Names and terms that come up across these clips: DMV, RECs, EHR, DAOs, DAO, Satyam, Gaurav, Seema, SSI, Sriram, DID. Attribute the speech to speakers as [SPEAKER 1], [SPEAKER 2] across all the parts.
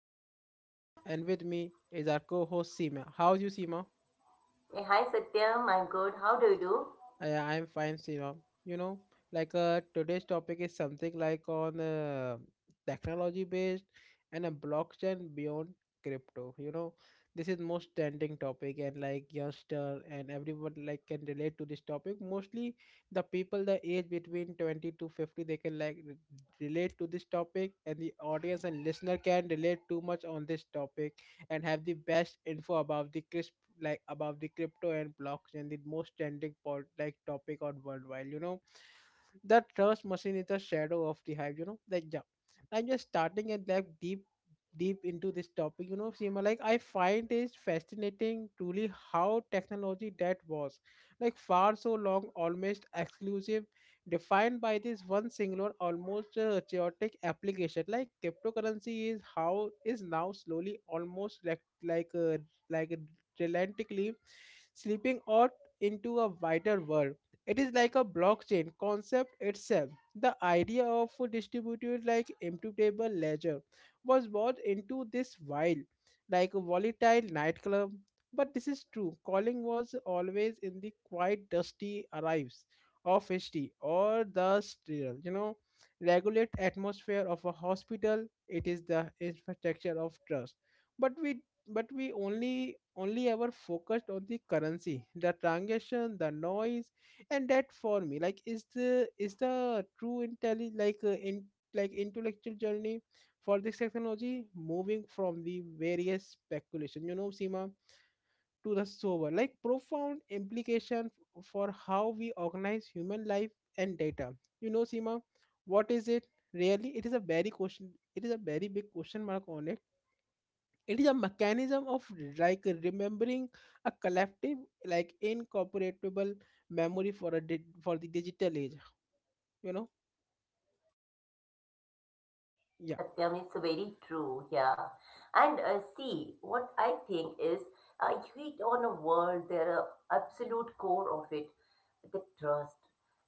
[SPEAKER 1] your host Satyam, and with me is our co-host Seema. How's you, Seema?
[SPEAKER 2] Hey, hi Satyam, I'm good. How do you do?
[SPEAKER 1] I'm fine, Sriram. You know, Today's topic is something like on, technology based, and a blockchain beyond crypto. This is most trending topic, and like youngster and everyone like can relate to this topic. Mostly the people the age between 20 to 50, they can like relate to this topic, and the audience and listener can relate too much on this topic, and have the best info about the crisp, like about the crypto and blockchain, the most trending pod like topic on worldwide. The trust machine is the shadow of the hive. Yeah, I'm just starting and like deep into this topic. Seema, like I find it fascinating, truly how technology that was like far so long almost exclusive defined by this one singular, almost chaotic application like cryptocurrency is, how is now slowly, almost like relentlessly slipping out into a wider world. It is like a blockchain concept itself. The idea of a distributed, like immutable ledger was brought into this wild, like a volatile nightclub. But this is true. Calling was always in the quiet, dusty arrives of history, or the sterile, regulate atmosphere of a hospital. It is the infrastructure of trust. But we but we only ever focused on the currency, the transaction, the noise, and that for me like is the true intelli like in like intellectual journey for this technology, moving from the various speculation, Sima, to the sober, like profound implication for how we organize human life and data, you know, Sima. What is it really? It is a very question. It is a very big question mark on it. It is a mechanism of like remembering a collective, like incorporatable memory for a for the digital age. you know
[SPEAKER 2] Yeah,
[SPEAKER 1] yeah.
[SPEAKER 2] Satyam is very true. Yeah, and see, what I think is, you hit on a word. There are absolute core of it, the trust,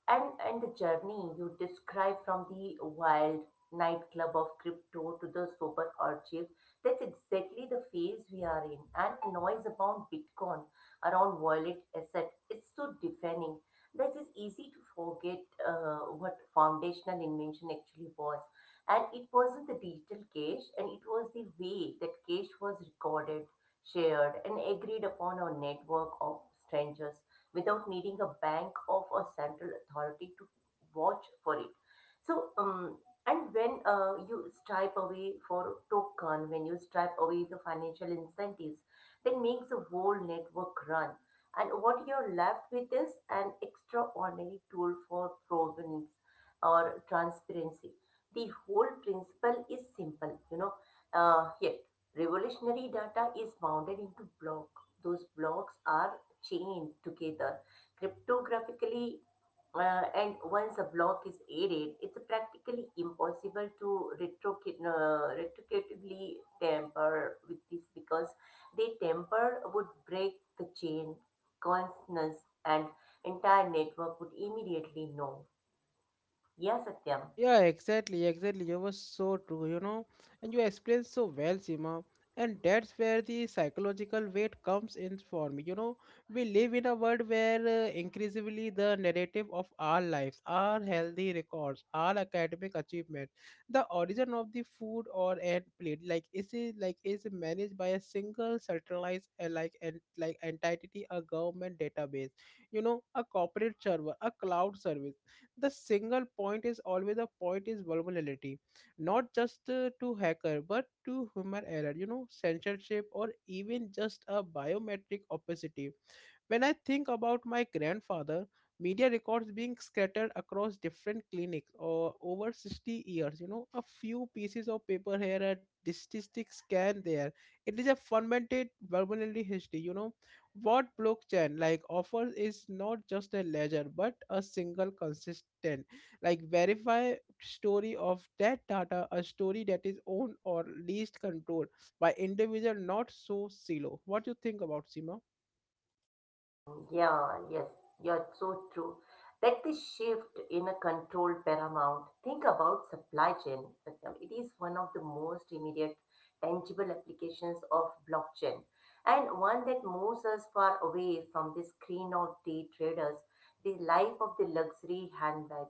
[SPEAKER 2] and the journey you describe from the wild nightclub of crypto to the sober archive. That's exactly the phase we are in. And noise about Bitcoin, around wallet asset, it's so deafening. That is easy to forget what foundational invention actually was, and it wasn't the digital cache, and it was the way that cache was recorded, shared, and agreed upon a network of strangers without needing a bank of a central authority to watch for it. So, um, and when you stripe away for token, when you stripe away the financial incentives, then makes the whole network run. And what you're left with is an extraordinary tool for provenance or transparency. The whole principle is simple, you know, yet revolutionary. Data is mounted into block. Those blocks are chained together cryptographically. And once a block is aided, it's practically impossible to retrocate retrocatively tamper with this, because they tamper would break the chain consonance, and entire network would immediately know. Yes, Satyam.
[SPEAKER 1] Yeah, exactly, exactly. You were so true. And you explained so well, Seema. And that's where the psychological weight comes in for me. We live in a world where, increasingly, the narrative of our lives, our healthy records, our academic achievement, the origin of the food or and plate, like is it, like, is managed by a single centralized, like, and like entity, a government database, a corporate server, a cloud service. The single point is always a point is vulnerability, not just to hacker, but to human error, censorship, or even just a biometric opacity. When I think about my grandfather, media records being scattered across different clinics or over 60 years, a few pieces of paper here, a statistic scan there. It is a fermented verbally history. What blockchain like offers is not just a ledger, but a single consistent, like verify story of that data, a story that is owned or least controlled by individual, not so silo. What do you think about, Sima?
[SPEAKER 2] Hmm. Yeah, yes, yeah, it's so true. Like the shift in a control paramount. Think about supply chain. Satyam. It is one of the most immediate, tangible applications of blockchain, and one that moves us far away from the screen of day traders, the life of the luxury handbag,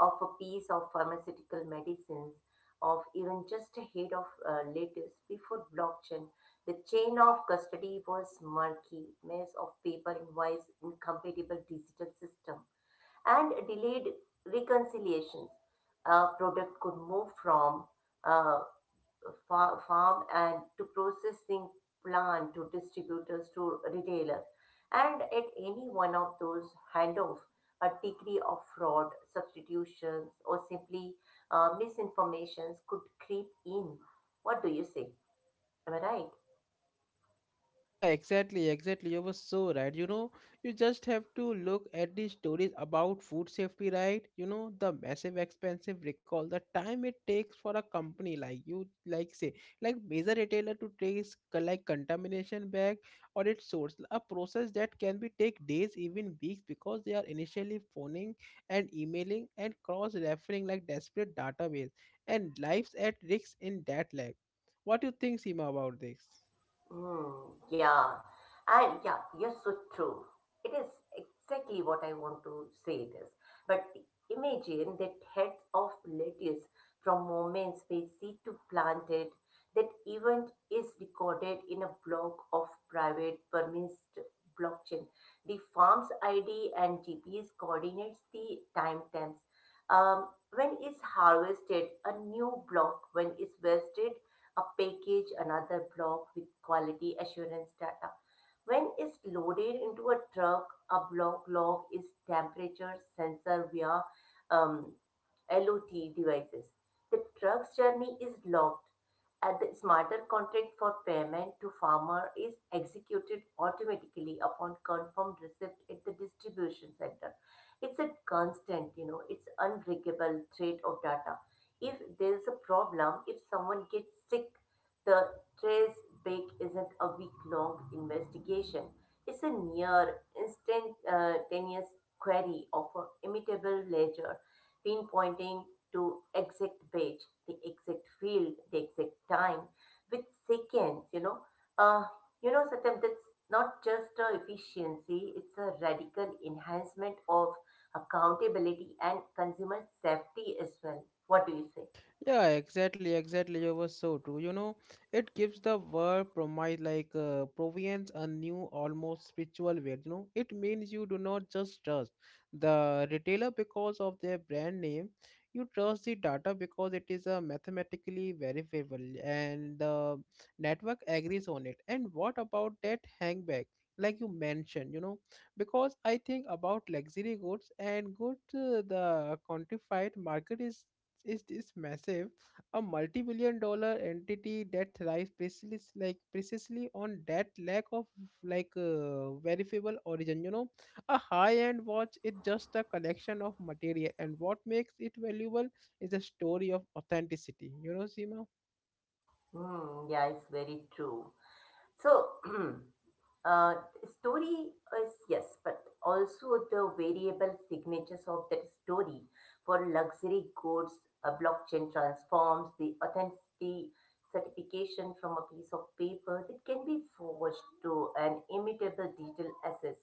[SPEAKER 2] of a piece of pharmaceutical medicines, of even just a head of lettuce. Before blockchain the chain of custody was murky, maze of paper invoice, incompatible digital system, and delayed reconciliations. A product could move from uh, farm and to processing plant to distributors to retailer, and at any one of those handoffs, a degree of fraud, substitutions, or simply misinformations could creep in. What do you say? Am I right?
[SPEAKER 1] Yeah, exactly, exactly. You were so right. You just have to look at the stories about food safety, right? The massive expensive recall, the time it takes for a company like you, like say, like major retailer to trace like contamination back or its source, a process that can be take days, even weeks, because they are initially phoning and emailing and cross-referring like desperate database, and lives at risk in that lag. What do you think, Seema, about this?
[SPEAKER 2] Yeah, and yeah, you're so true. It is exactly what I want to say this. But imagine that heads of lettuce from moments where seed to planted, that event is recorded in a block of private permissed blockchain. The farm's ID and GPS coordinates the timestamps. Um, when is harvested, a new block. When is vested a package, another block with quality assurance data. When it's loaded into a truck, a block log is temperature sensor via um, LOT devices. The truck's journey is logged, and the smarter contract for payment to farmer is executed automatically upon confirmed receipt at the distribution center. It's a constant, you know, it's unbreakable thread of data. If there's a problem, if someone gets sick, the trace back isn't a week-long investigation. It's a near instantaneous query of an immutable ledger, pinpointing to exact page, the exact field, the exact time, with seconds, you know. Uh, you know, Satyam, that's not just a efficiency, it's a radical enhancement of accountability and consumer safety as well. What do you say?
[SPEAKER 1] Yeah, exactly, exactly. You were so true. It gives the word promise, like provience a new, almost spiritual weight. It means you do not just trust the retailer because of their brand name. You trust the data, because it is mathematically verifiable, and the network agrees on it. And what about that hangback, like you mentioned? Because I think about luxury goods and good, the quantified market is this massive, a multi-billion dollar entity that thrives precisely on that lack of, like, verifiable origin. A high-end watch is just a collection of material, and what makes it valuable is a story of authenticity, you know, Seema.
[SPEAKER 2] Hmm, yeah, it's very true. So, Uh, story is yes, but also the variable signatures of that story for luxury goods. A blockchain transforms the authenticity certification from a piece of paper that can be forged to an immutable digital asset,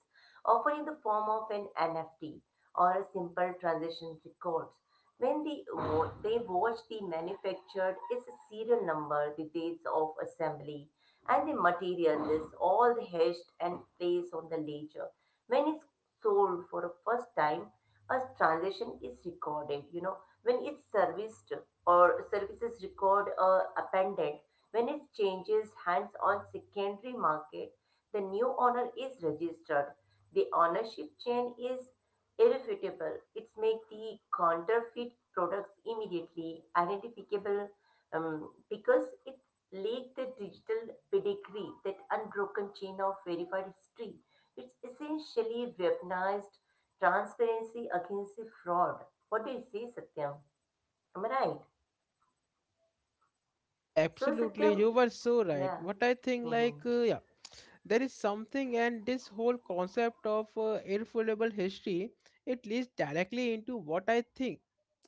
[SPEAKER 2] offering the form of an NFT or a simple transaction records. When they watch the manufactured is a serial number, the dates of assembly, and the material is all hedged and placed on the ledger. When it's sold for the first time, a transaction is recorded. You know, when it's serviced or services record a appendant, when it changes hands on secondary market, the new owner is registered. The ownership chain is irrefutable. It makes the counterfeit products immediately identifiable, because it lacked the digital pedigree, that unbroken chain of verified history. It's essentially weaponized transparency against the fraud. What do you say, Satyam? Am I right?
[SPEAKER 1] Yeah,
[SPEAKER 2] So,
[SPEAKER 1] absolutely.
[SPEAKER 2] Satyam,
[SPEAKER 1] You were so right.
[SPEAKER 2] yeah.
[SPEAKER 1] What I think, like, yeah, there is something, and this whole concept of irrefutable history, it leads directly into what I think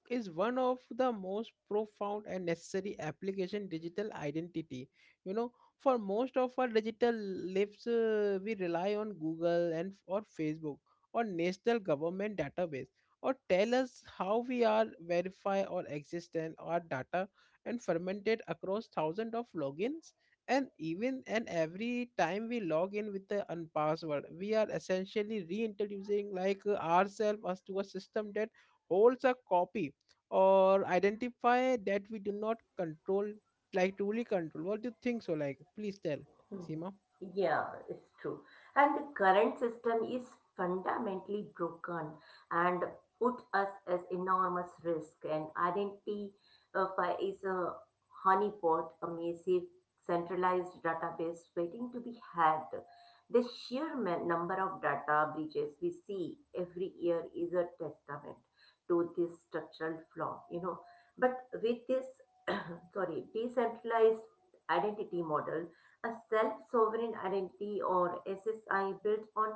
[SPEAKER 1] is one of the most profound and necessary application digital identity. you know for most of our digital lives, we rely on Google and or Facebook, or national government database, or tell us how we are verify or existent our data, and fermented across thousands of logins. And even and every time we log in with the unpassword, we are essentially reintroducing, like ourselves as to a system that holds a copy or identify that we do not control, like truly control. What do you think so? Like, please tell, Seema.
[SPEAKER 2] Hmm. Yeah, it's true. And the current system is fundamentally broken and puts us at enormous risk. And identity is a honeypot, a massive centralized database waiting to be hacked. The sheer number of data breaches we see every year is a testament to this structural flaw, you know. But with this, sorry, decentralized identity model, a self-sovereign identity or SSI built on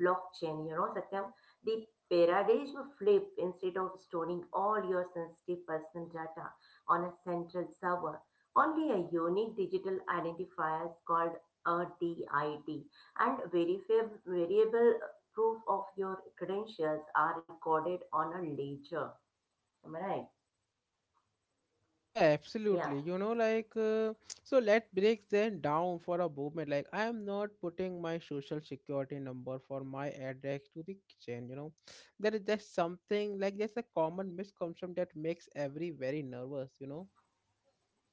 [SPEAKER 2] blockchain, you know, Satyam, the paradigm flip. Instead of storing all your sensitive personal data on a central server, only a unique digital identifier called a DID and verifiable variable proof of your credentials are recorded on a ledger. Am I right?
[SPEAKER 1] Yeah,
[SPEAKER 2] Yeah.
[SPEAKER 1] absolutely. So, let's break them down for a moment. Like, I am not putting my social security number for my address to the kitchen. There is just something, like, there's a common misconception that makes every very nervous.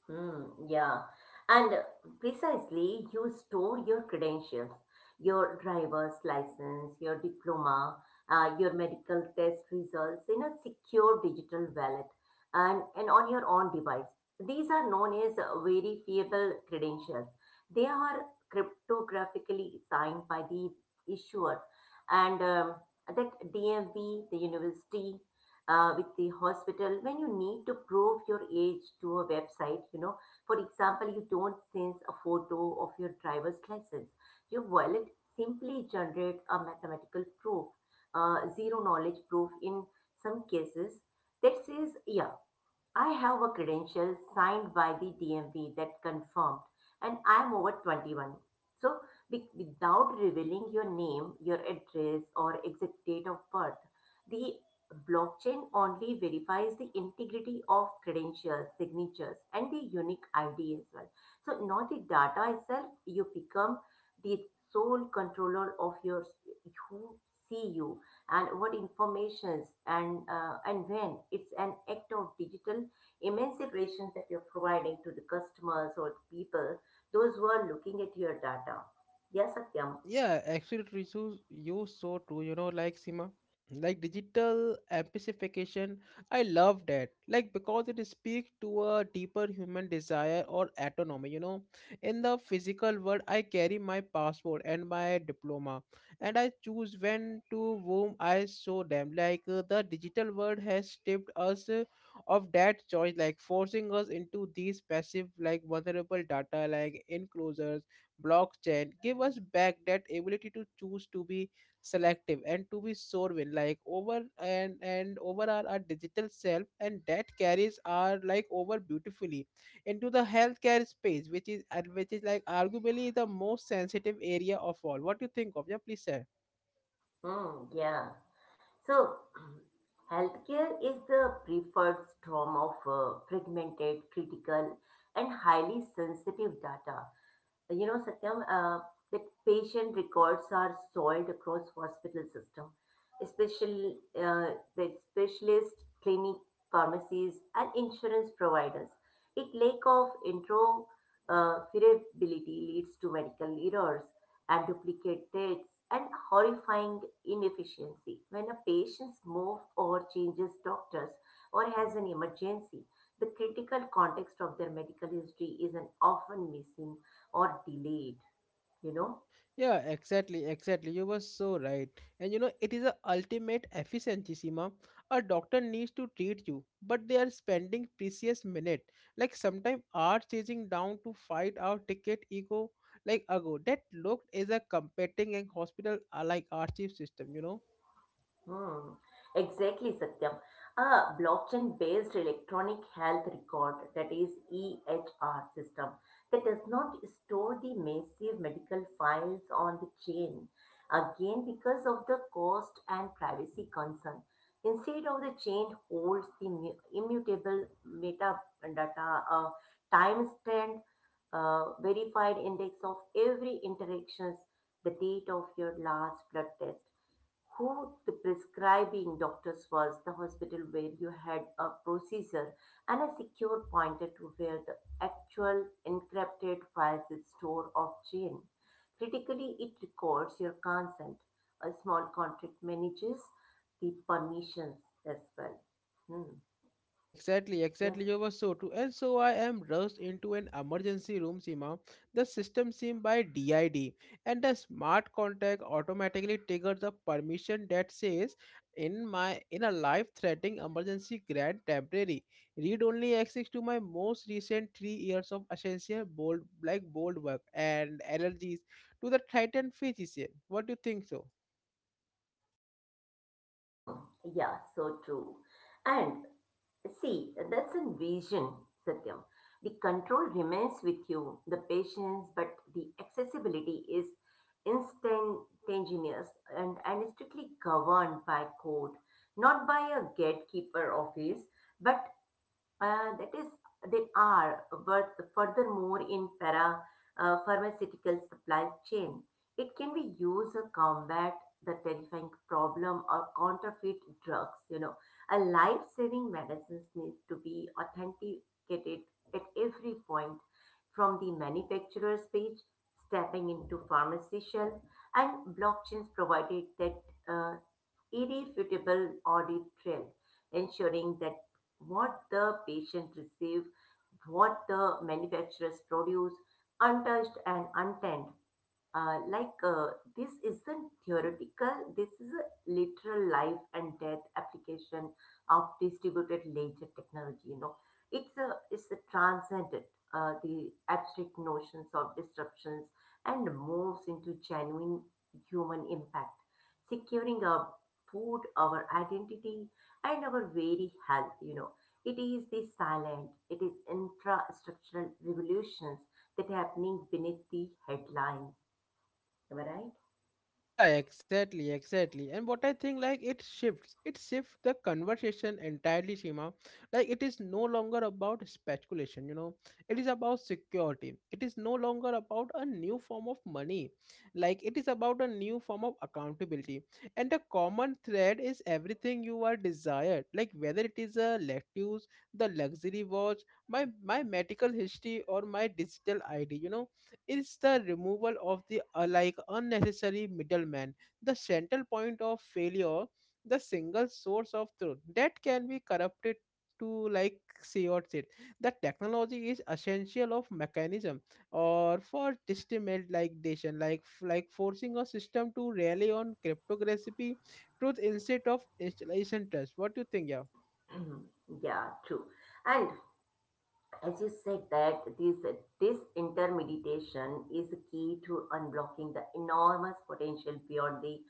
[SPEAKER 2] Yeah. And precisely, you store your credentials, your driver's license, your diploma, your medical test results in a secure digital wallet, and on your own device. These are known as verifiable credentials. They are cryptographically signed by the issuer, and that DMV, the university, with the hospital. When you need to prove your age to a website, you know, for example, you don't send a photo of your driver's license. Your wallet simply generate a mathematical proof, zero knowledge proof in some cases, that says, yeah, I have a credential signed by the DMV that confirmed, and I'm over 21. So, without revealing your name, your address, or exact date of birth, the blockchain only verifies the integrity of credentials, signatures, and the unique ID as well. So, not the data itself, you become the sole controller of your who see you and what informations, and when. It's an act of digital emancipations that you're providing to the customers or the people, those who are looking at your data. Yes, Satyam.
[SPEAKER 1] Yeah, absolutely. So you so true. Like, Sima, like digital amplification. I love that. Like, because it speaks to a deeper human desire or autonomy. In the physical world, I carry my passport and my diploma, and I choose when to whom I show them. Like, the digital world has stripped us, of that choice, like forcing us into these passive, like vulnerable data, like enclosures. Blockchain give us back that ability to choose to be selective, and to be sovereign like over and over our digital self, and that carries our like over beautifully into the healthcare space, which is like arguably the most sensitive area of all. What do you think of? Yeah, please share.
[SPEAKER 2] Hmm, yeah. So, healthcare is the preferred storm of fragmented, critical, and highly sensitive data. You know, Satyam, that patient records are soiled across hospital system, especially the specialist clinic, pharmacies, and insurance providers. It lack of interoperability leads to medical errors and duplicate dates and horrifying inefficiency. When a patient moves or changes doctors or has an emergency, the critical context of their medical history is an often missing or delayed, you know.
[SPEAKER 1] Yeah, exactly, exactly. You were so right. And it is a ultimate efficiency, Seema. A doctor needs to treat you, but they are spending precious minute, like sometimes are chasing down to fight our ticket ego, like ago. That looked is a competing and hospital, like archive system.
[SPEAKER 2] Hmm, exactly, Satyam. A blockchain-based electronic health record, that is EHR system, that does not store the massive medical files on the chain, again because of the cost and privacy concern. Instead of the chain holds the immutable meta data, a timestamp, verified index of every interactions, the date of your last blood test, who the prescribing doctors was, the hospital where you had a procedure, and a secure pointer to where the actual encrypted files is stored of gene. Critically, it records your consent. A small contract manages the permissions as well. Hmm.
[SPEAKER 1] Yeah, exactly,
[SPEAKER 2] Yes.
[SPEAKER 1] exactly. You were so true. And so I am rushed into an emergency room, Seema. The system SIM by DID, and the smart contact automatically triggers a permission that says, in a life-threatening emergency, grant temporary. Read only access to my most recent 3 years of essential bold work and allergies to the Titan physician. What do you think so?
[SPEAKER 2] Hmm, yeah, so true. And see, that's in vision, Satyam. The control remains with you, the patience, but the accessibility is instantaneous, and is strictly governed by code, not by a gatekeeper office, but that is, they are, but furthermore in para pharmaceutical supply chain, it can be used to combat the terrifying problem of counterfeit drugs. You know, a life-saving medicines need to be authenticated at every point, from the manufacturer's page, stepping into pharmacy shelf, and blockchains provided that uh, irrefutable audit trail, ensuring that what the patient receives, what the manufacturers produce, untouched and untanned. uh, like uh, this isn't theoretical. This is a literal life and death application of distributed ledger technology, you know. It's a transcendent, the abstract notions of disruptions, and moves into genuine human impact, securing our food, our identity, and our very health, you know. It is the silent, it is infrastructural revolutions that happening beneath the headlines. Am I right?
[SPEAKER 1] Yeah, exactly, exactly. And what I think, like, it shifts. It shifts the conversation entirely, Shima. Like, it is no longer about speculation. It is about security. It is no longer about a new form of money. Like, it is about a new form of accountability. And the common thread is everything you are desired. Like, whether it is a lettuce, the luxury watch, my medical history, or my digital ID, is the removal of the, like, unnecessary middleman, the central point of failure, the single source of truth that can be corrupted to like chaos it. The technology is essential of mechanism or for destabilization, like forcing a system to rely on cryptography, truth instead of installation trust. What do you think, yeah?
[SPEAKER 2] Yeah, true. And as you said, that this disintermediation is a key to unblocking the enormous potential beyond the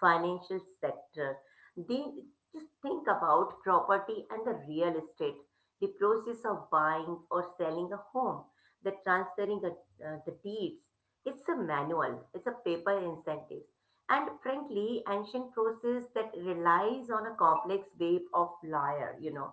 [SPEAKER 2] financial sector. They just think about property and the real estate, the process of buying or selling a home, the transferring a, the deeds. It's a manual, it's a paper incentive, and frankly, ancient process that relies on a complex web of liar, you know.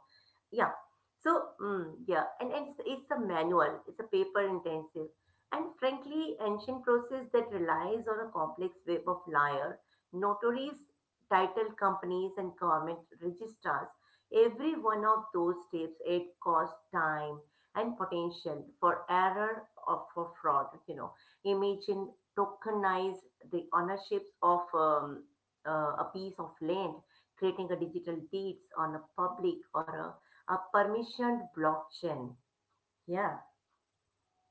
[SPEAKER 2] Yeah, so, yeah, and it's a manual, it's a paper intensive, and frankly, ancient process that relies on a complex web of liar, notaries, title companies, and government registrars. Every one of those steps, it costs time and potential for error or for fraud. You know, imagine tokenize the ownerships of a piece of land, creating a digital deeds on a public or a permissioned blockchain. Yeah,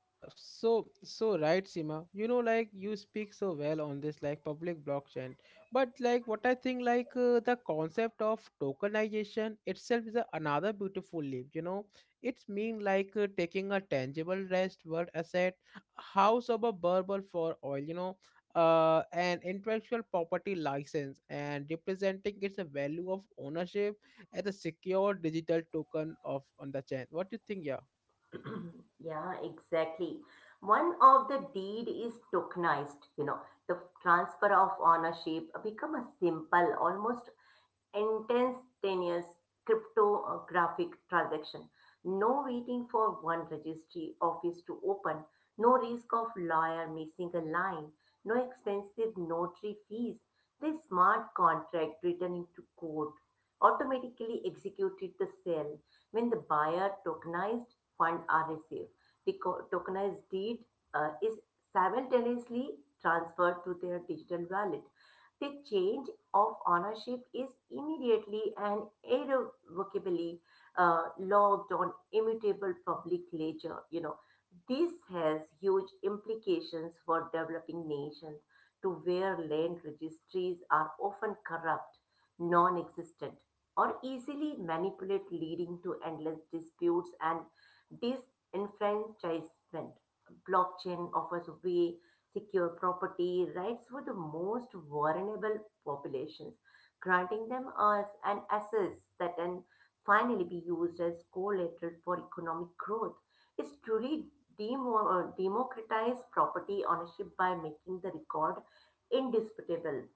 [SPEAKER 1] Yeah, so right, Sima. Like, you speak so well on this, like public blockchain. But like, what I think, like the concept of tokenization itself is, another beautiful leap. It's mean like taking a tangible rest world asset, a house of a bubble for oil. An intellectual property license and representing its a value of ownership as a secure digital token of on the chain. What do you think? Yeah.
[SPEAKER 2] yeah, exactly. One of the deed is tokenized, you know, the transfer of ownership become a simple, almost instantaneous cryptographic transaction. No waiting for one registry office to open, no risk of lawyer missing a line, no expensive notary fees. The smart contract written into code automatically executed the sale when the buyer tokenized fund are received. Tokenized deed is simultaneously transferred to their digital wallet. They change of ownership is immediately and irrevocably logged on immutable public ledger. You know, this has huge implications for developing nations to where land registries are often corrupt, non-existent, or easily manipulated, leading to endless disputes and disenfranchisement. Blockchain offers way secure property rights for the most vulnerable populations, granting them as an asset that can finally be used as collateral for economic growth. It's truly democratized property ownership by making the record indisputable.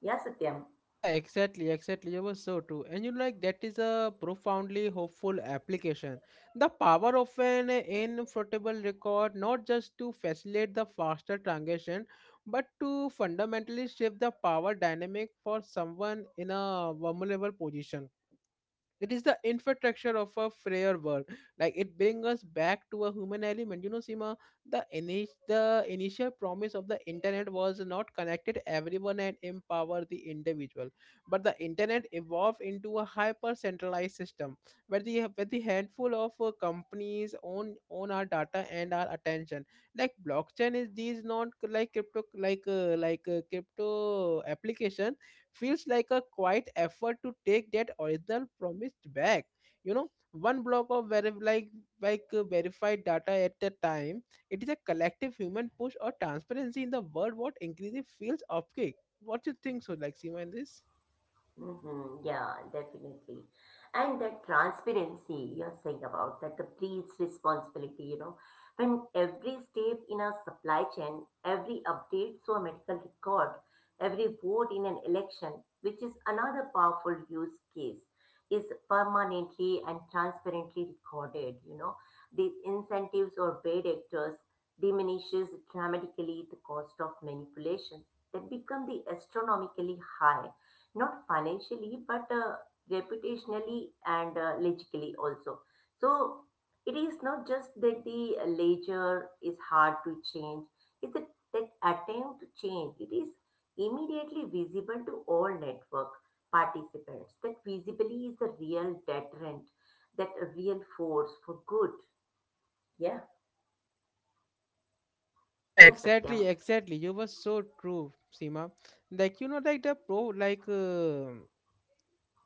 [SPEAKER 2] Yes, Satyam.
[SPEAKER 1] Yeah, exactly, exactly. You were so true. And like that is a profoundly hopeful application. The power of an inflatable record not just to facilitate the faster transition, but to fundamentally shift the power dynamic for someone in a vulnerable position, it is the infrastructure of a freer world. Like it brings us back to a human element, you know, Sima. The initial promise of the internet was not connected everyone and empower the individual, but the internet evolved into a hyper centralized system, where the handful of companies own our data and our attention. Like blockchain is these not, like crypto, crypto application, feels like a quiet effort to take that original promised back, you know, one block of verified data at a time. It is a collective human push or transparency in the world what increasingly feels opaque. What do you think, so, like, Seema, in this?
[SPEAKER 2] Hmm. Yeah, definitely. And that transparency you're saying about that the priest's responsibility, you know, when every step in a supply chain, every update to a medical record, every vote in an election, which is another powerful use case, is permanently and transparently recorded, you know, these incentives or bad actors diminishes dramatically the cost of manipulations that become the astronomically high, not financially but reputationally and logically also. So it is not just that the ledger is hard to change, it's that, that attempt to change it is immediately visible to all network participants. That visibility is the real deterrent, that real force for good. Yeah.
[SPEAKER 1] Yeah,
[SPEAKER 2] Yes, Satyam.
[SPEAKER 1] exactly, exactly, you were so true. Seema, like you know like the pro like uh,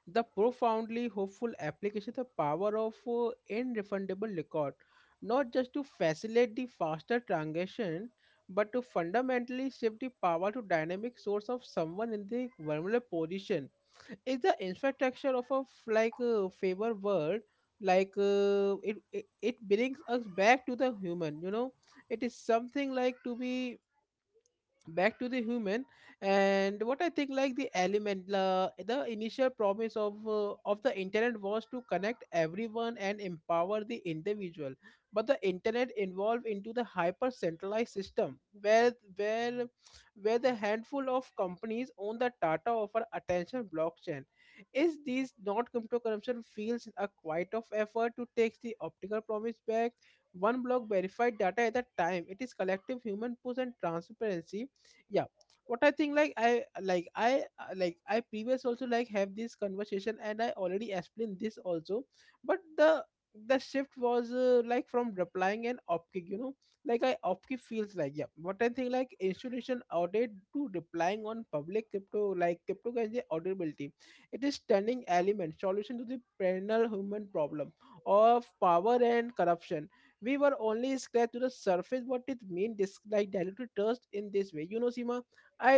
[SPEAKER 1] the profoundly hopeful application, the power of irrefundable record, not just to facilitate the faster transaction, but to fundamentally shift the power to dynamic source of someone in the vulnerable position, is the infrastructure of a favor world. It brings us back to the human, you know. It is something like to be back to the human. And what I think, like the element, the initial promise of of the internet was to connect everyone and empower the individual, but the internet evolved into the hyper centralized system, where the handful of companies own the data of our attention. Blockchain is these not cryptocurrency, feels a quite of effort to take the optical promise back, one block verified data at a time. It is collective human push and transparency. Yeah. What I think, like I previous also like have this conversation, and I already explained this also. But the shift was, like from replying and opkick, you know, like I opkick feels like. Yeah, what I think, like, institution audit to replying on public crypto, like cryptocurrency auditability. It is turning element solution to the perennial human problem of power and corruption. We were only scratched to the surface what it means this, like, diluted trust in this way, you know, Sima. i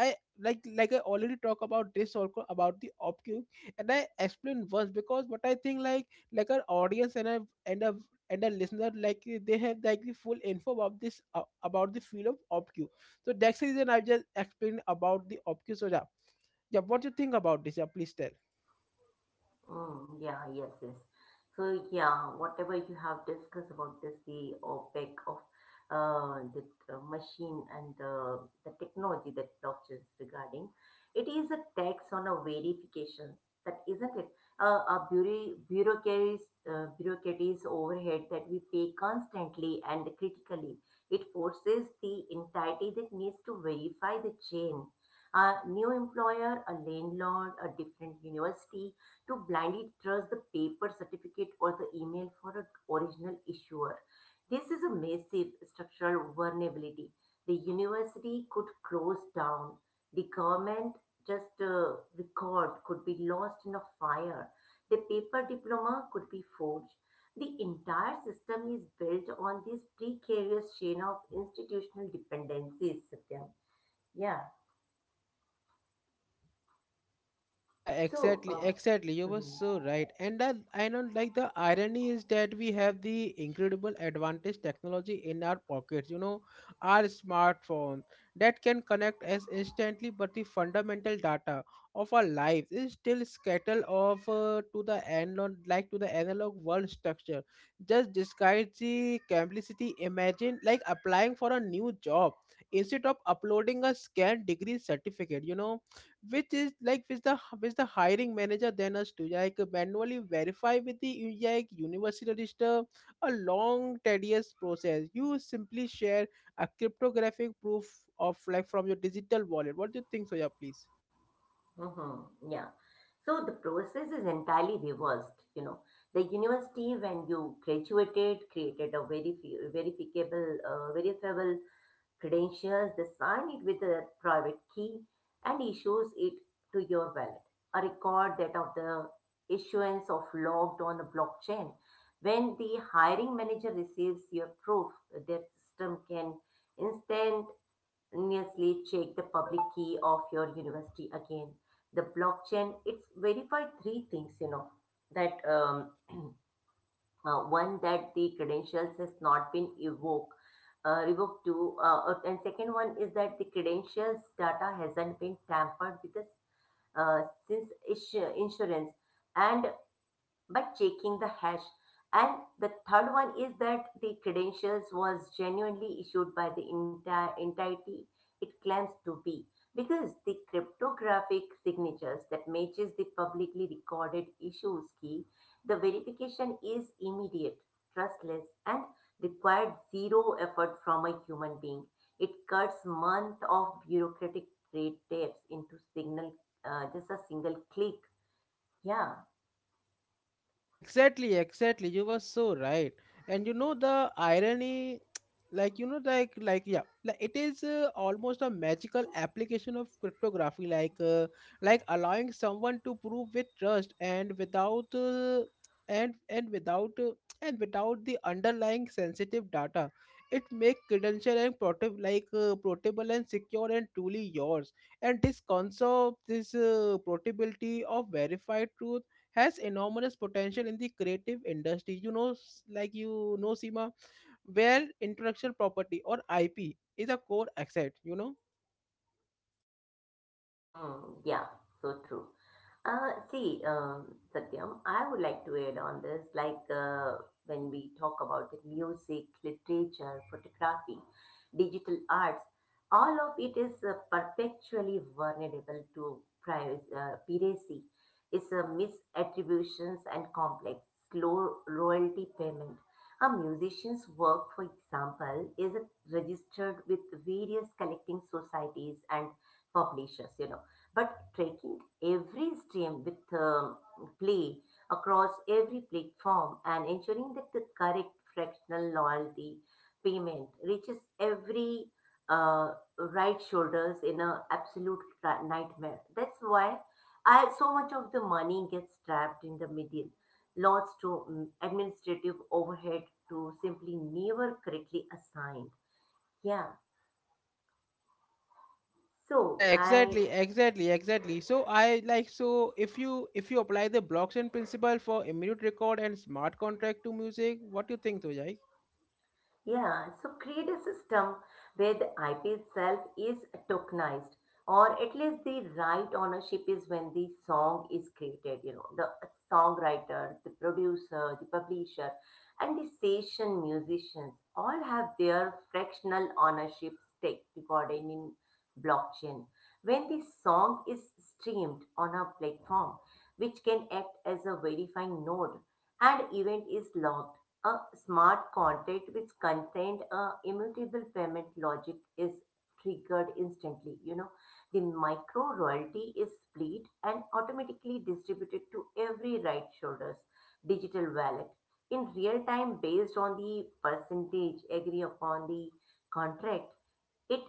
[SPEAKER 1] i like, like I already talk about this also, about the opcu, and I explain once because what I think, like our audience and a and a listener, they have like the full info about this, about the field of opcu. So that's the reason I just explained about the opcu soja. Yeah, what do you think about this? Yeah, please tell.
[SPEAKER 2] Mm, yeah, yes, yes. So yeah, whatever you have discussed about this, the OPEC of the machine and the technology that blockchain is regarding, it is a tax on a verification. That isn't it? Bureaucracies, bureaucracies overhead that we pay constantly and critically. It forces the entity that needs to verify the chain. A new employer, a landlord, a different university to blindly trust the paper certificate or the email for an original issuer. This is a massive structural vulnerability. The university could close down. The government just record could be lost in a fire. The paper diploma could be forged. The entire system is built on this precarious chain of institutional dependencies, Satyam. Yeah.
[SPEAKER 1] Yeah,
[SPEAKER 2] So,
[SPEAKER 1] exactly, exactly, you
[SPEAKER 2] uh,
[SPEAKER 1] were so right. And that I know, like, the irony is that we have the incredible advantage technology in our pockets, you know, our smartphone, that can connect us instantly, but the fundamental data of our lives is still scattered off, to the analog, to the analog world structure. Just disguise the complicity. Imagine, like, applying for a new job, instead of uploading a scanned degree certificate, you know, which is like which the hiring manager then has to like manually verify with the like university register, a long tedious process. You simply share a cryptographic proof of, like, from your digital wallet. What do you think, soya, please?
[SPEAKER 2] Mm-hmm. Yeah. So the process is entirely reversed. You know, the university when you graduated created a very verifiable credentials. They sign it with a private key and issues it to your wallet. A record that of the issuance of logged on a blockchain. When the hiring manager receives your proof, their system can instant continuously check the public key of your university again. The blockchain, it's verified three things, you know, that one, that the credentials has not been revoked to, and second one is that the credentials data hasn't been tampered with the since insurance and but checking the hash. And the third one is that the credentials was genuinely issued by the entire entity it claims to be, because the cryptographic signatures that matches the publicly recorded issues key. The verification is immediate, trustless, and required zero effort from a human being. It cuts months of bureaucratic red tapes into signal, just a single click. Yeah.
[SPEAKER 1] Exactly, exactly, you were so right. And you know the irony, like you know, like yeah, like it is almost a magical application of cryptography, like allowing someone to prove with trust and without and without and without the underlying sensitive data. It make credential and portable, portable and secure and truly yours. And this concept, this portability of verified truth has enormous potential in the creative industry. You know, like you know, Seema, where intellectual property or IP is a core asset, you know.
[SPEAKER 2] Hmm. Yeah, so true. See, Satyam, I would like to add on this, like when we talk about the music, literature, photography, digital arts, all of it is perpetually vulnerable to piracy. It's a misattributions and complex, slow royalty payment. A musician's work, for example, is registered with various collecting societies and for, you know. But tracking every stream with play across every platform and ensuring that the correct fractional loyalty payment reaches every uh, right shoulders in a absolute nightmare. That's why I so much of the money gets trapped in the middle, lots to administrative overhead to simply never correctly assigned. Yeah.
[SPEAKER 1] Yeah,
[SPEAKER 2] So I.
[SPEAKER 1] exactly, exactly, exactly. So I like, so if you apply the blockchain principle for immediate record and smart contract to music, what do you think, Tujai?
[SPEAKER 2] Yeah, so create a system where the IP itself is tokenized, or at least the right ownership is when the song is created, you know, the songwriter, the producer, the publisher, and the session musicians all have their fractional ownership stake recorded in blockchain. When the song is streamed on a platform, which can act as a verifying node, and event is logged, a smart contract which contained a immutable payment logic is triggered instantly. You know, the micro royalty is split and automatically distributed to every right shoulder's digital wallet in real time based on the percentage agree upon the contract. It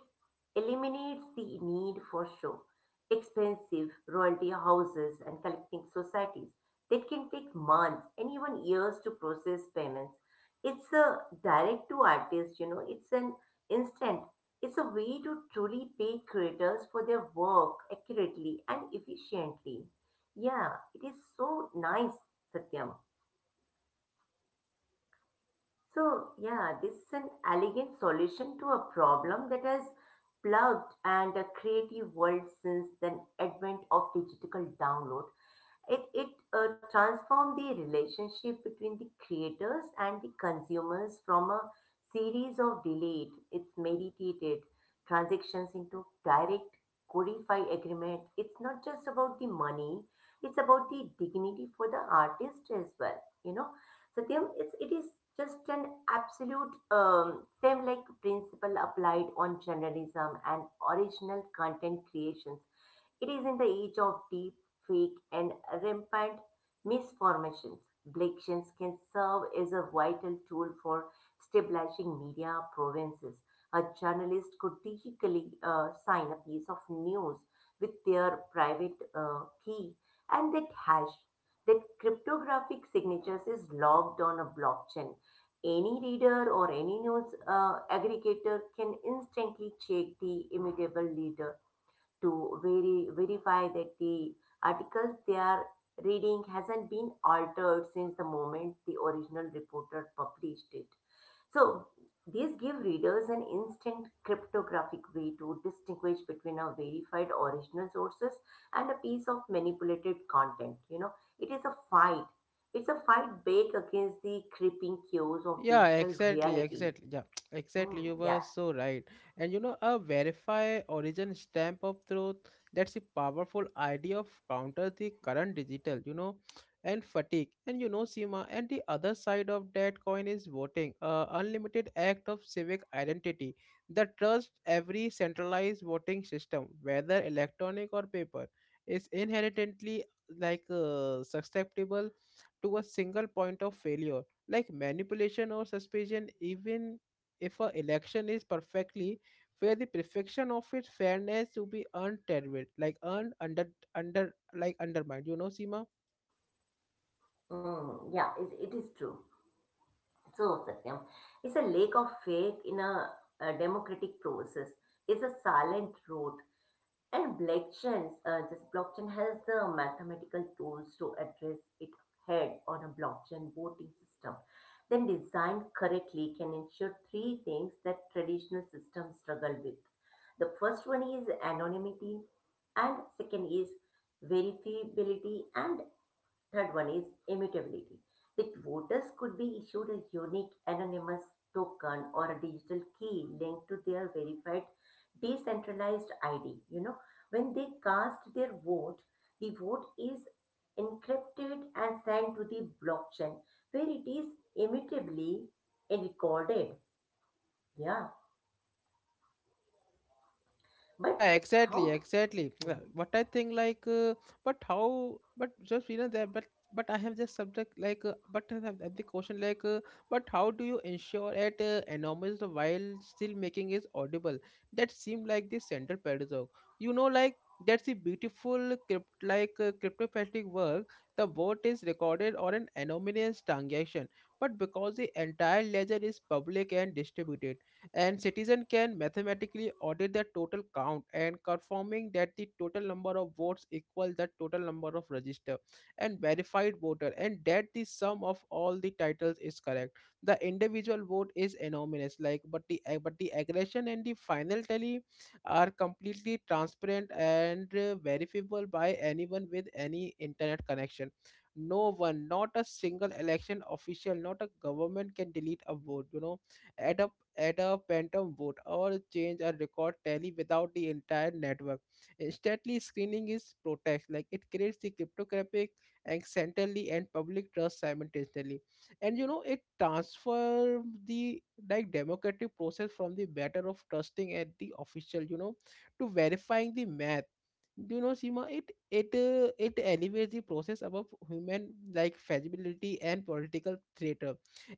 [SPEAKER 2] eliminates the need for show, expensive royalty houses, and collecting societies that can take months and even years to process payments. It's a direct to artist, you know, it's an instant. It's a way to truly pay creators for their work accurately and efficiently. Yeah, it is so nice, Satyam. So, yeah, this is an elegant solution to a problem that has plagued and a creative world since the advent of digital download. It transformed the relationship between the creators and the consumers from a series of delayed, it's meditated transactions into direct codified agreement. It's not just about the money, it's about the dignity for the artist as well, you know. So Satyam, it is just an absolute same like principle applied on journalism and original content creations. It is in the age of deep fake and rampant misformations. Elections can serve as a vital tool for stabilizing media provinces. A journalist could digitally sign a piece of news with their private key, and that hash, that cryptographic signatures, is logged on a blockchain. Any reader or any news aggregator can instantly check the immutable leader to verify that the articles they are reading hasn't been altered since the moment the original reporter published it. So, these give readers an instant cryptographic way to distinguish between a verified original sources and a piece of manipulated content. You know, it is a fight. It's a fight back against the creeping cues of
[SPEAKER 1] Yeah,
[SPEAKER 2] digital
[SPEAKER 1] exactly,
[SPEAKER 2] reality.
[SPEAKER 1] exactly. Yeah, exactly,
[SPEAKER 2] Hmm,
[SPEAKER 1] you
[SPEAKER 2] yeah.
[SPEAKER 1] were so right. And you know, a verify origin stamp of truth, that's a powerful idea of counter the current digital, you know, and fatigue. And you know, Seema, and the other side of that coin is voting, a unlimited act of civic identity, that trust every centralized voting system, whether electronic or paper, is inherently susceptible to a single point of failure, like manipulation or suspicion, even if a election is perfectly, where the perfection of its fairness to be untethered, like earned under like undermined, you know, seema
[SPEAKER 2] Hmm, yeah, it is true. So, Satyam, is a lack of faith in a democratic process. It's a silent road, and this blockchain has the mathematical tools to address it head on a blockchain voting system. Then, designed correctly, can ensure three things that traditional systems struggle with. The first one is anonymity, and second is verifiability, and third one is immutability. With voters could be issued a unique anonymous token or a digital key linked to their verified decentralized ID. You know, when they cast their vote, the vote is encrypted and sent to the blockchain where it is immutably recorded. Yeah. But
[SPEAKER 1] Yeah, exactly,
[SPEAKER 2] how?
[SPEAKER 1] exactly. Yeah,
[SPEAKER 2] Mm-hmm.
[SPEAKER 1] what I think, like, but how, but just you know that, but I have just subject like, but I have the question like, but how do you ensure at anonymous while still making is audible? That seem like the central paradox. You know, like, that's the beautiful cryptographic work. The vote is recorded on an anonymous transaction, but because the entire ledger is public and distributed, and citizen can mathematically audit the total count and confirming that the total number of votes equal the total number of registered and verified voter, and that the sum of all the titles is correct, the individual vote is anonymous, like, but the but the aggression and the final tally are completely transparent and verifiable by anyone with any internet connection. No one, not a single election official, not a government, can delete a vote, you know, at a, add a phantom vote or change a record tally without the entire network. Instantly screening is protects, like it creates the cryptographic accidentally and public trust simultaneously. And you know it transfer the, like, democratic process from the matter of trusting at the official, you know, to verifying the math, you know, Sima. It elevates the process above human, like, feasibility and political threat.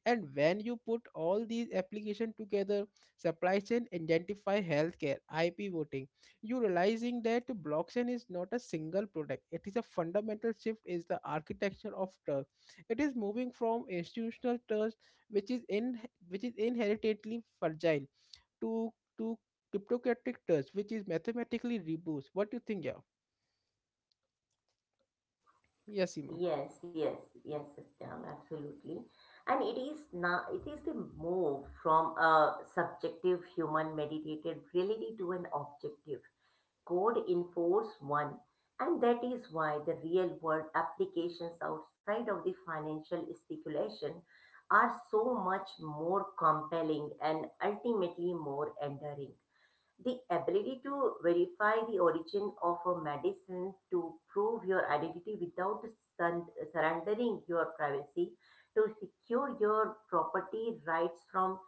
[SPEAKER 1] And when you put all these applications together, supply chain, identify, healthcare, IP, voting, you realizing that blockchain is not a single product, it is a fundamental shift, is the architecture of trust. It is moving from institutional trust, which is in, which is inherently fragile, to to cryptocratic trust, which is mathematically robust. What do you think? Yeah, yes, Seema?
[SPEAKER 2] Yes, yes, yes, Satyam, absolutely. And it is now it is the move from a subjective human meditated reality to an objective code enforce one. And that is why the real world applications outside of the financial speculation are so much more compelling and ultimately more enduring. The ability to verify the origin of a medicine, to prove your identity without sun- surrendering your privacy, to secure your property rights from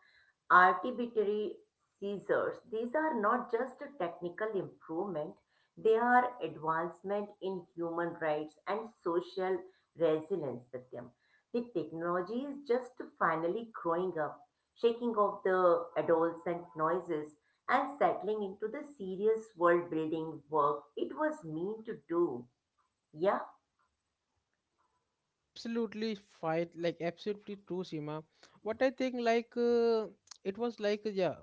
[SPEAKER 2] arbitrary seizures. These are not just a technical improvement, they are advancement in human rights and social resilience, Satyam. The technology is just finally growing up, shaking off the adolescent noises and settling into the serious world building work it was meant to do. Yeah.
[SPEAKER 1] Absolutely fight, like absolutely true, Sima. What I think like, it was like, yeah,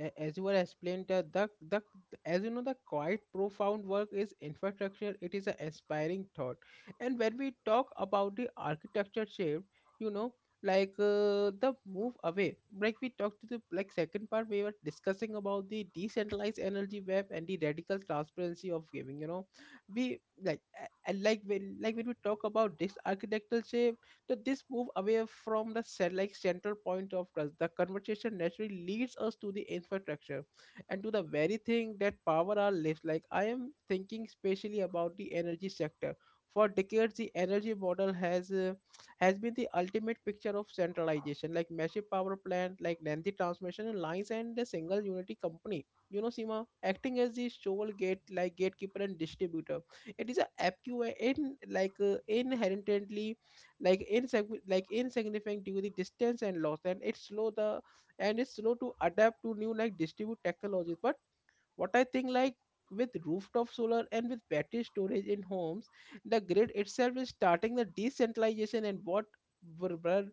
[SPEAKER 1] as you were explained, the as you know, the quite profound work is infrastructure. It is an inspiring thought. And when we talk about the architecture shape, you know, the move away, like we talked to the, like second part, we were discussing about the decentralized energy web and the radical transparency of giving, you know. We like a- and like when like when we talk about this architectural shape, so this move away from the like central point of trust, the conversation naturally leads us to the infrastructure and to the very thing that power our lives. Like I am thinking specially about the energy sector. For decades the energy model has been the ultimate picture of centralization, like massive power plant, like lengthy transmission lines and a single unity company, you know, Sima, acting as the sole gatekeeper and distributor. It is a acqui- in like inherently like insignificant due to the distance and loss, and it's slow to adapt to new, like, distribute technologies. But what I think like, with rooftop solar and with battery storage in homes, the grid itself is starting the decentralization. And what were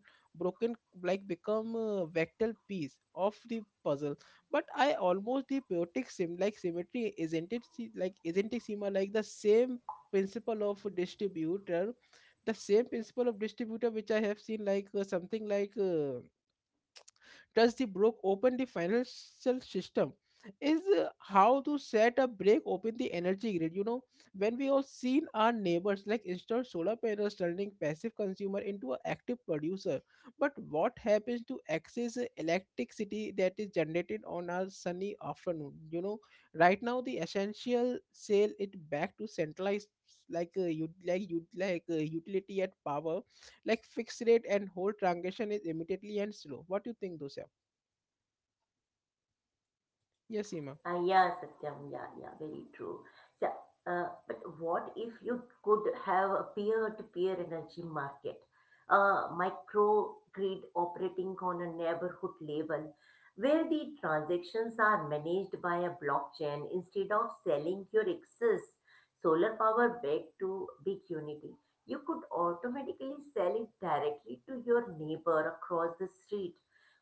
[SPEAKER 1] broken, like become a vector piece of the puzzle. But I almost the chaotic sim like symmetry isn't it, like isn't it similar, like the same principle of distributor, which I have seen like, something like does the broke open the financial system, is, how to set a break open the energy grid, you know. When we all seen our neighbors like install solar panels, turning passive consumer into an active producer, but what happens to excess electricity that is generated on our sunny afternoon, you know, right now the essential sale it back to centralized, like you like you like utility at power, like fixed rate, and whole transaction is immediately and slow. What do you think, those? Yes, Seema.
[SPEAKER 2] Yeah, Satyam. Yeah, yeah, very true. So, but what if you could have a peer-to-peer energy market, a micro grid operating on a neighborhood level, where the transactions are managed by a blockchain instead of selling your excess solar power back to big unity? You could automatically sell it directly to your neighbor across the street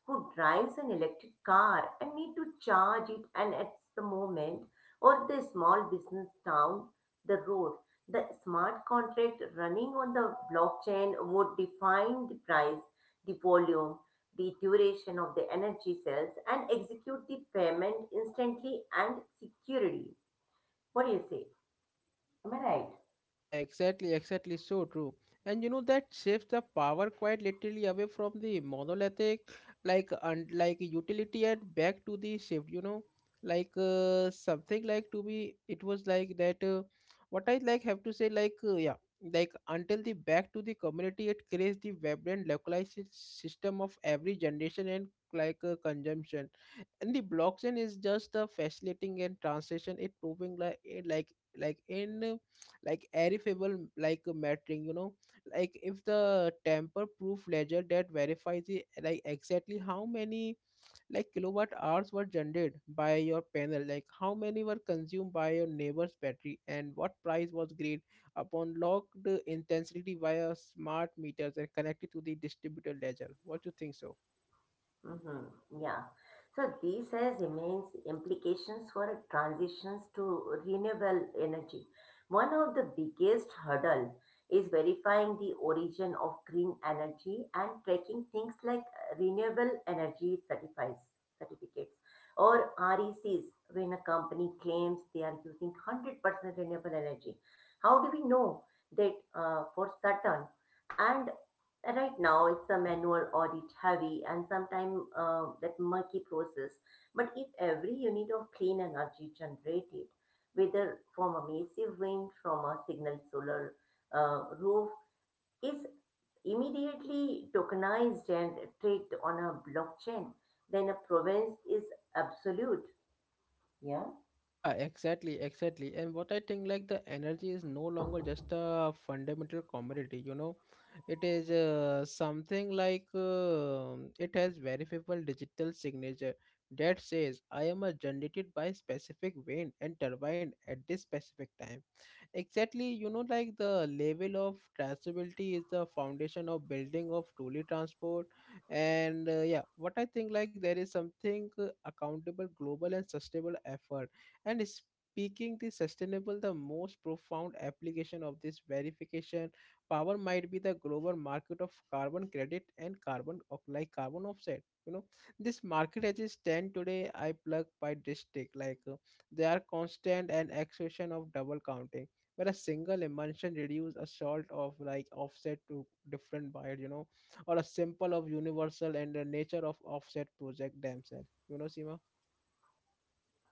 [SPEAKER 2] who drives an electric car and need to charge it and at the moment or the small business down the road. The smart contract running on the blockchain would define the price, the volume, the duration of the energy cells and execute the payment instantly and securely. What do you say? Am I right?
[SPEAKER 1] Yeah, exactly, exactly, so true. And you know that shifts the power quite literally away from the monolithic, like utility, and back to the shift. You know, something like to be. It was like that. What I like have to say, like, yeah, like until the back to the community, it creates the vibrant localized system of every generation and consumption. And the blockchain is just a fascinating and transition, it proving like in uh, like verifiable mattering, you know, like if the tamper proof ledger that verifies the, like exactly how many, like kilowatt hours were generated by your panel, like how many were consumed by your neighbor's battery, and what price was agreed upon, locked intensity via smart meters and connected to the distributor ledger. What do you think, so?
[SPEAKER 2] Mm-hmm. Yeah. So this has immense implications for transitions to renewable energy. One of the biggest hurdle is verifying the origin of green energy and tracking things like renewable energy certifies certificates, or R E Cs, when a company claims they are using 100% renewable energy. How do we know that, for certain? And right now, it's a manual audit heavy and sometimes that murky process. But if every unit of clean energy generated, whether from a massive wind, from a signal solar roof, is immediately tokenized and traded on a blockchain, then a province is absolute. Yeah.
[SPEAKER 1] Yeah, exactly, exactly. And what I think, like the energy is no longer just a fundamental commodity, you know, it is something like it has verifiable digital signature that says I am a generated by specific wind and turbine at this specific time. Exactly, you know, like the level of traceability is the foundation of building of truly transport. What I think, like there is something accountable, global, and sustainable effort and speaking the sustainable, the most profound application of this verification power might be the global market of carbon credit and carbon of like carbon offset. You know, this market as it stand today, I plug by district. They are constant and exhaustion of double counting. Where a single emulsion reduce a salt of like offset to different buyers, you know, or a simple of universal and the nature of offset project themselves. You know, Seema?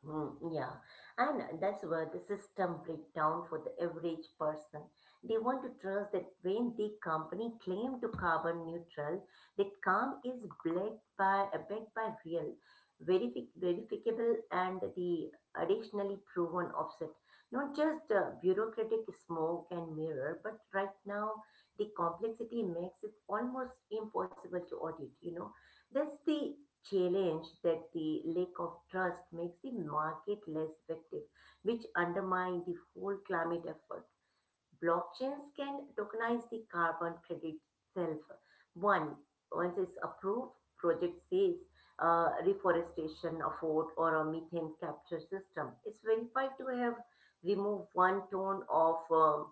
[SPEAKER 2] Mm, yeah, and that's where the system break down for the average person. They want to trust that when the company claim to carbon neutral, that calm is backed by backed by real, verificable, and the additionally proven offset. Not just bureaucratic smoke and mirror, but right now the complexity makes it almost impossible to audit. You know, that's the challenge that the lack of trust makes the market less effective, which undermine the whole climate effort. Blockchains can tokenize the carbon credit itself. One, once it's approved, project says reforestation effort or a methane capture system. It's verified to have removed one ton of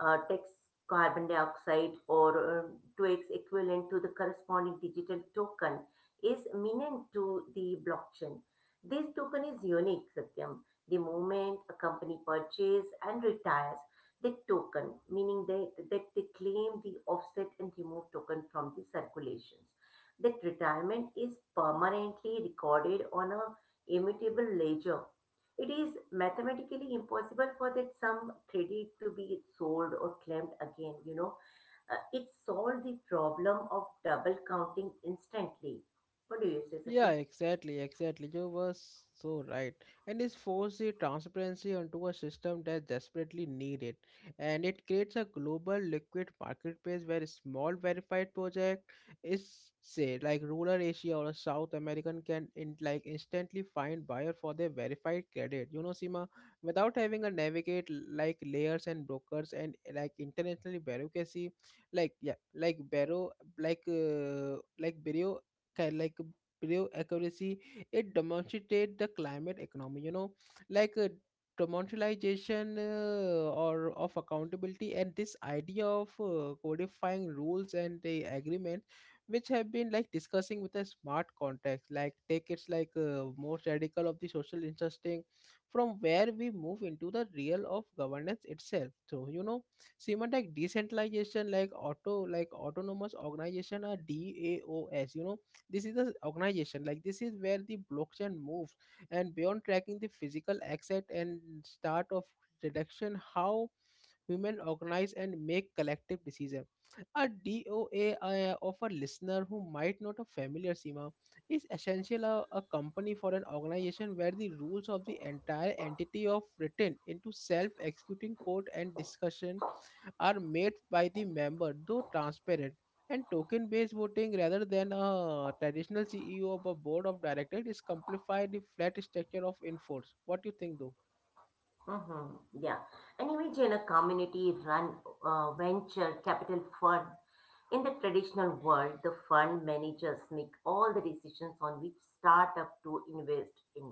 [SPEAKER 2] text carbon dioxide or two x equivalent to the corresponding digital token is minent to the blockchain. This token is unique, Satyam. The moment a company purchases and retires the token, meaning that they claim the offset and remove token from the circulations. That retirement is permanently recorded on a immutable ledger. It is mathematically impossible for that some credit to be sold or claimed again. It solved the problem of double counting instantly. What do you say,
[SPEAKER 1] Yeah,
[SPEAKER 2] Satyam?
[SPEAKER 1] exactly, exactly. You were so right. And this forces the transparency onto a system that desperately need it. And it creates a global liquid marketplace where small verified project is say like rural Asia or a South American can in like instantly find buyer for their verified credit. You know, Sima, without having a navigate like layers and brokers and like internationally bureaucracy, like yeah, like bureau ca- like prove accuracy. It demonstrated the climate economy. You know, like uh, demonetization or of accountability, and this idea of codifying rules and the agreement, which have been like discussing with a smart context. Like take it's most radical of the social interesting, from where we move into the real of governance itself. So you know semantic decentralization like autonomous organization or daos, you know, this is the organization like this is where the blockchain moves and beyond tracking the physical asset and start of reduction how women organize and make collective decision. A doa, of a listener who might not a familiar, Sima, is essential a company for an organization where the rules of the entire entity of written into self-executing code and discussion are made by the member, though transparent. And token based voting rather than a traditional CEO of a board of directors is simplified the flat structure of enforce. What do you think though?
[SPEAKER 2] Mm-hmm. Yeah. And imagine a community run venture capital fund. In the traditional world, the fund managers make all the decisions on which startup to invest in.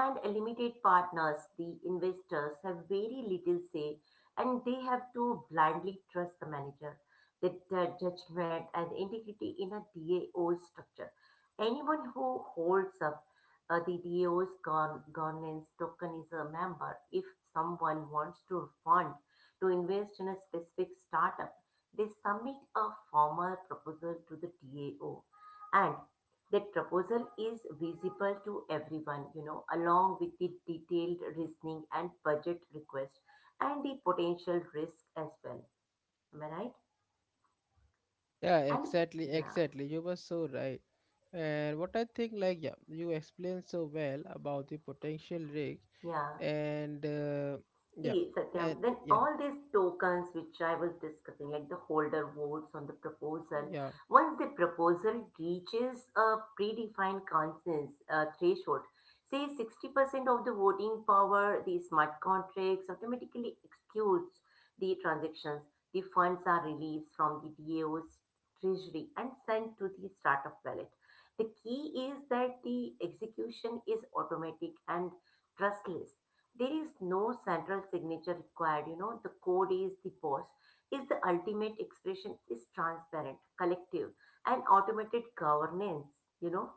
[SPEAKER 2] And limited partners, the investors have very little say, and they have to blindly trust the manager, the judgment and integrity in a DAO structure. Anyone who holds up the governance token is a member. If someone wants to fund to invest in a specific startup, they submit a formal proposal to the TAO, and that proposal is visible to everyone, you know, along with the detailed reasoning and budget request and the potential risk as well. Am I right?
[SPEAKER 1] Yeah,
[SPEAKER 2] And
[SPEAKER 1] exactly,
[SPEAKER 2] yeah,
[SPEAKER 1] exactly. You were so right. And what I think, like, yeah, you explained so well about the potential risks,
[SPEAKER 2] yeah.
[SPEAKER 1] and yeah,
[SPEAKER 2] See, Satyam, then
[SPEAKER 1] yeah,
[SPEAKER 2] all these tokens which I was discussing, like the holder votes on the proposal,
[SPEAKER 1] yeah.
[SPEAKER 2] once the proposal reaches a predefined consensus threshold, say 60% of the voting power, the smart contracts automatically executes the transactions. The funds are released from the DAO's treasury and sent to the startup wallet. The key is that the execution is automatic and trustless. There is no central signature required, you know. The code is the boss, is the ultimate expression, is transparent, collective, and automated governance, you know.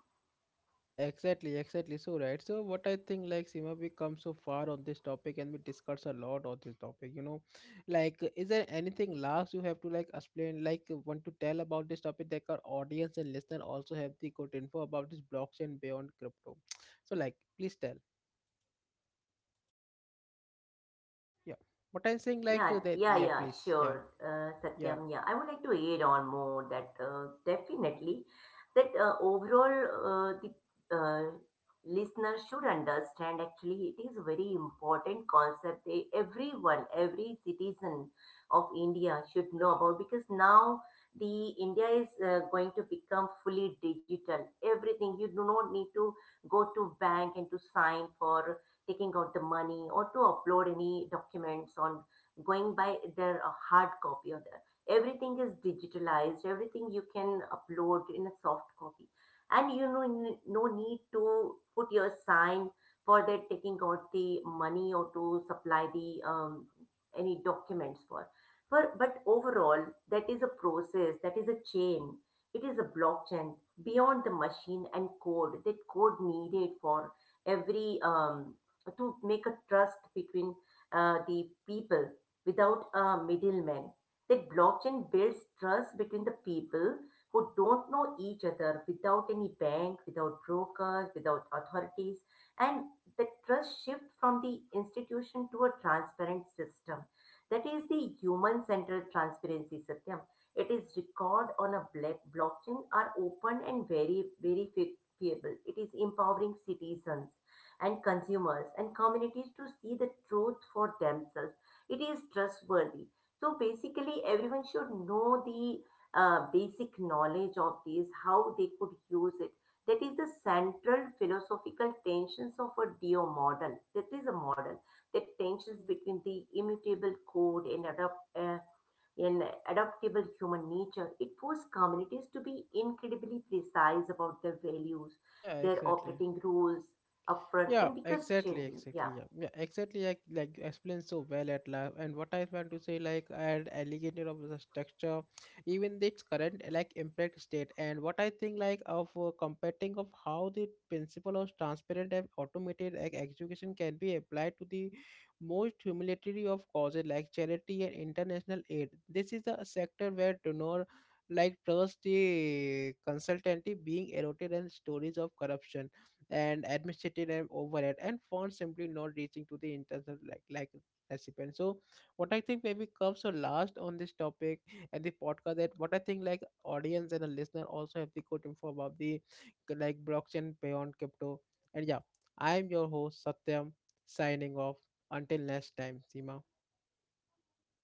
[SPEAKER 1] Yeah, exactly, exactly. So, right. So, what I think, like, Seema, we come so far on this topic and we discuss a lot on this topic, you know. Like, is there anything last you have to, like, explain, like, want to tell about this topic that our audience and listener also have the good info about this blockchain beyond crypto? So, like, please tell. Yeah. What I'm saying, like,
[SPEAKER 2] Yeah,
[SPEAKER 1] that,
[SPEAKER 2] yeah,
[SPEAKER 1] yeah,
[SPEAKER 2] yeah,
[SPEAKER 1] please. Yeah,
[SPEAKER 2] sure,
[SPEAKER 1] yeah,
[SPEAKER 2] Satyam. Yeah, I would like to add on more that definitely that overall the listener should understand. Actually, it is a very important concept. They, everyone, every citizen of India should know about, because now the India is going to become fully digital. Everything, you do not need to go to bank and to sign for taking out the money or to upload any documents on going by their hard copy, or the, everything is digitalized. Everything you can upload in a soft copy, and you know no need to put your sign for that taking out the money or to supply the any documents for. For but overall, that is a process, that is a chain, it is a blockchain beyond the machine and code. That code needed for every to make a trust between the people without a middleman. That blockchain builds trust between the people who don't know each other, without any bank, without brokers, without authorities. And the trust shift from the institution to a transparent system. That is the human centered transparency, Satyam. It is record on a black blockchain are open and very verifiable. It is empowering citizens and consumers and communities to see the truth for themselves. It is trustworthy, so basically everyone should know the basic knowledge of these how they could use it. That is the central philosophical tensions of a do model, that is a model that tensions between the immutable code and in adaptable human nature. It forced communities to be incredibly precise about their values,
[SPEAKER 1] yeah,
[SPEAKER 2] their
[SPEAKER 1] exactly.
[SPEAKER 2] operating rules upfront,
[SPEAKER 1] Yeah,
[SPEAKER 2] and because
[SPEAKER 1] exactly,
[SPEAKER 2] changing. Yeah.
[SPEAKER 1] exactly. Yeah, yeah, exactly. Like you explained so well at last. And what I want to say, like, and alligator of the structure, even its current like impact state. And what I think, like, of comparing of how the principle of transparent and automated like education can be applied to the most humanitarian of causes like charity and international aid. This is a sector where donor like trust the consultancy being eroded and stories of corruption and administrative and overhead and funds simply not reaching to the internal like recipient. So what I think maybe comes so last on this topic and the podcast, that what I think, like audience and the listener also have the good info about the like blockchain beyond crypto. And yeah, I am your host Satyam, signing off. Until next time, Sima.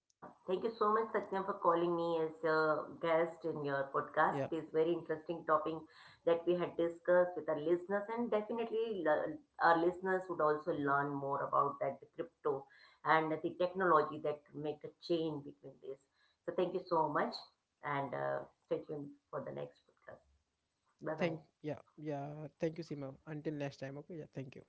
[SPEAKER 2] Yeah, thank you so much, Satyam, for calling me as a guest in your podcast.
[SPEAKER 1] Yeah,
[SPEAKER 2] It is very interesting topic that we had discussed with our listeners, and definitely our listeners would also learn more about that the crypto and the technology that make a chain between this. So thank you so much, and stay tuned for the next podcast.
[SPEAKER 1] yeah,
[SPEAKER 2] Bye bye.
[SPEAKER 1] thank, yeah, yeah, thank you Sima, until next time. Okay, yeah, thank you.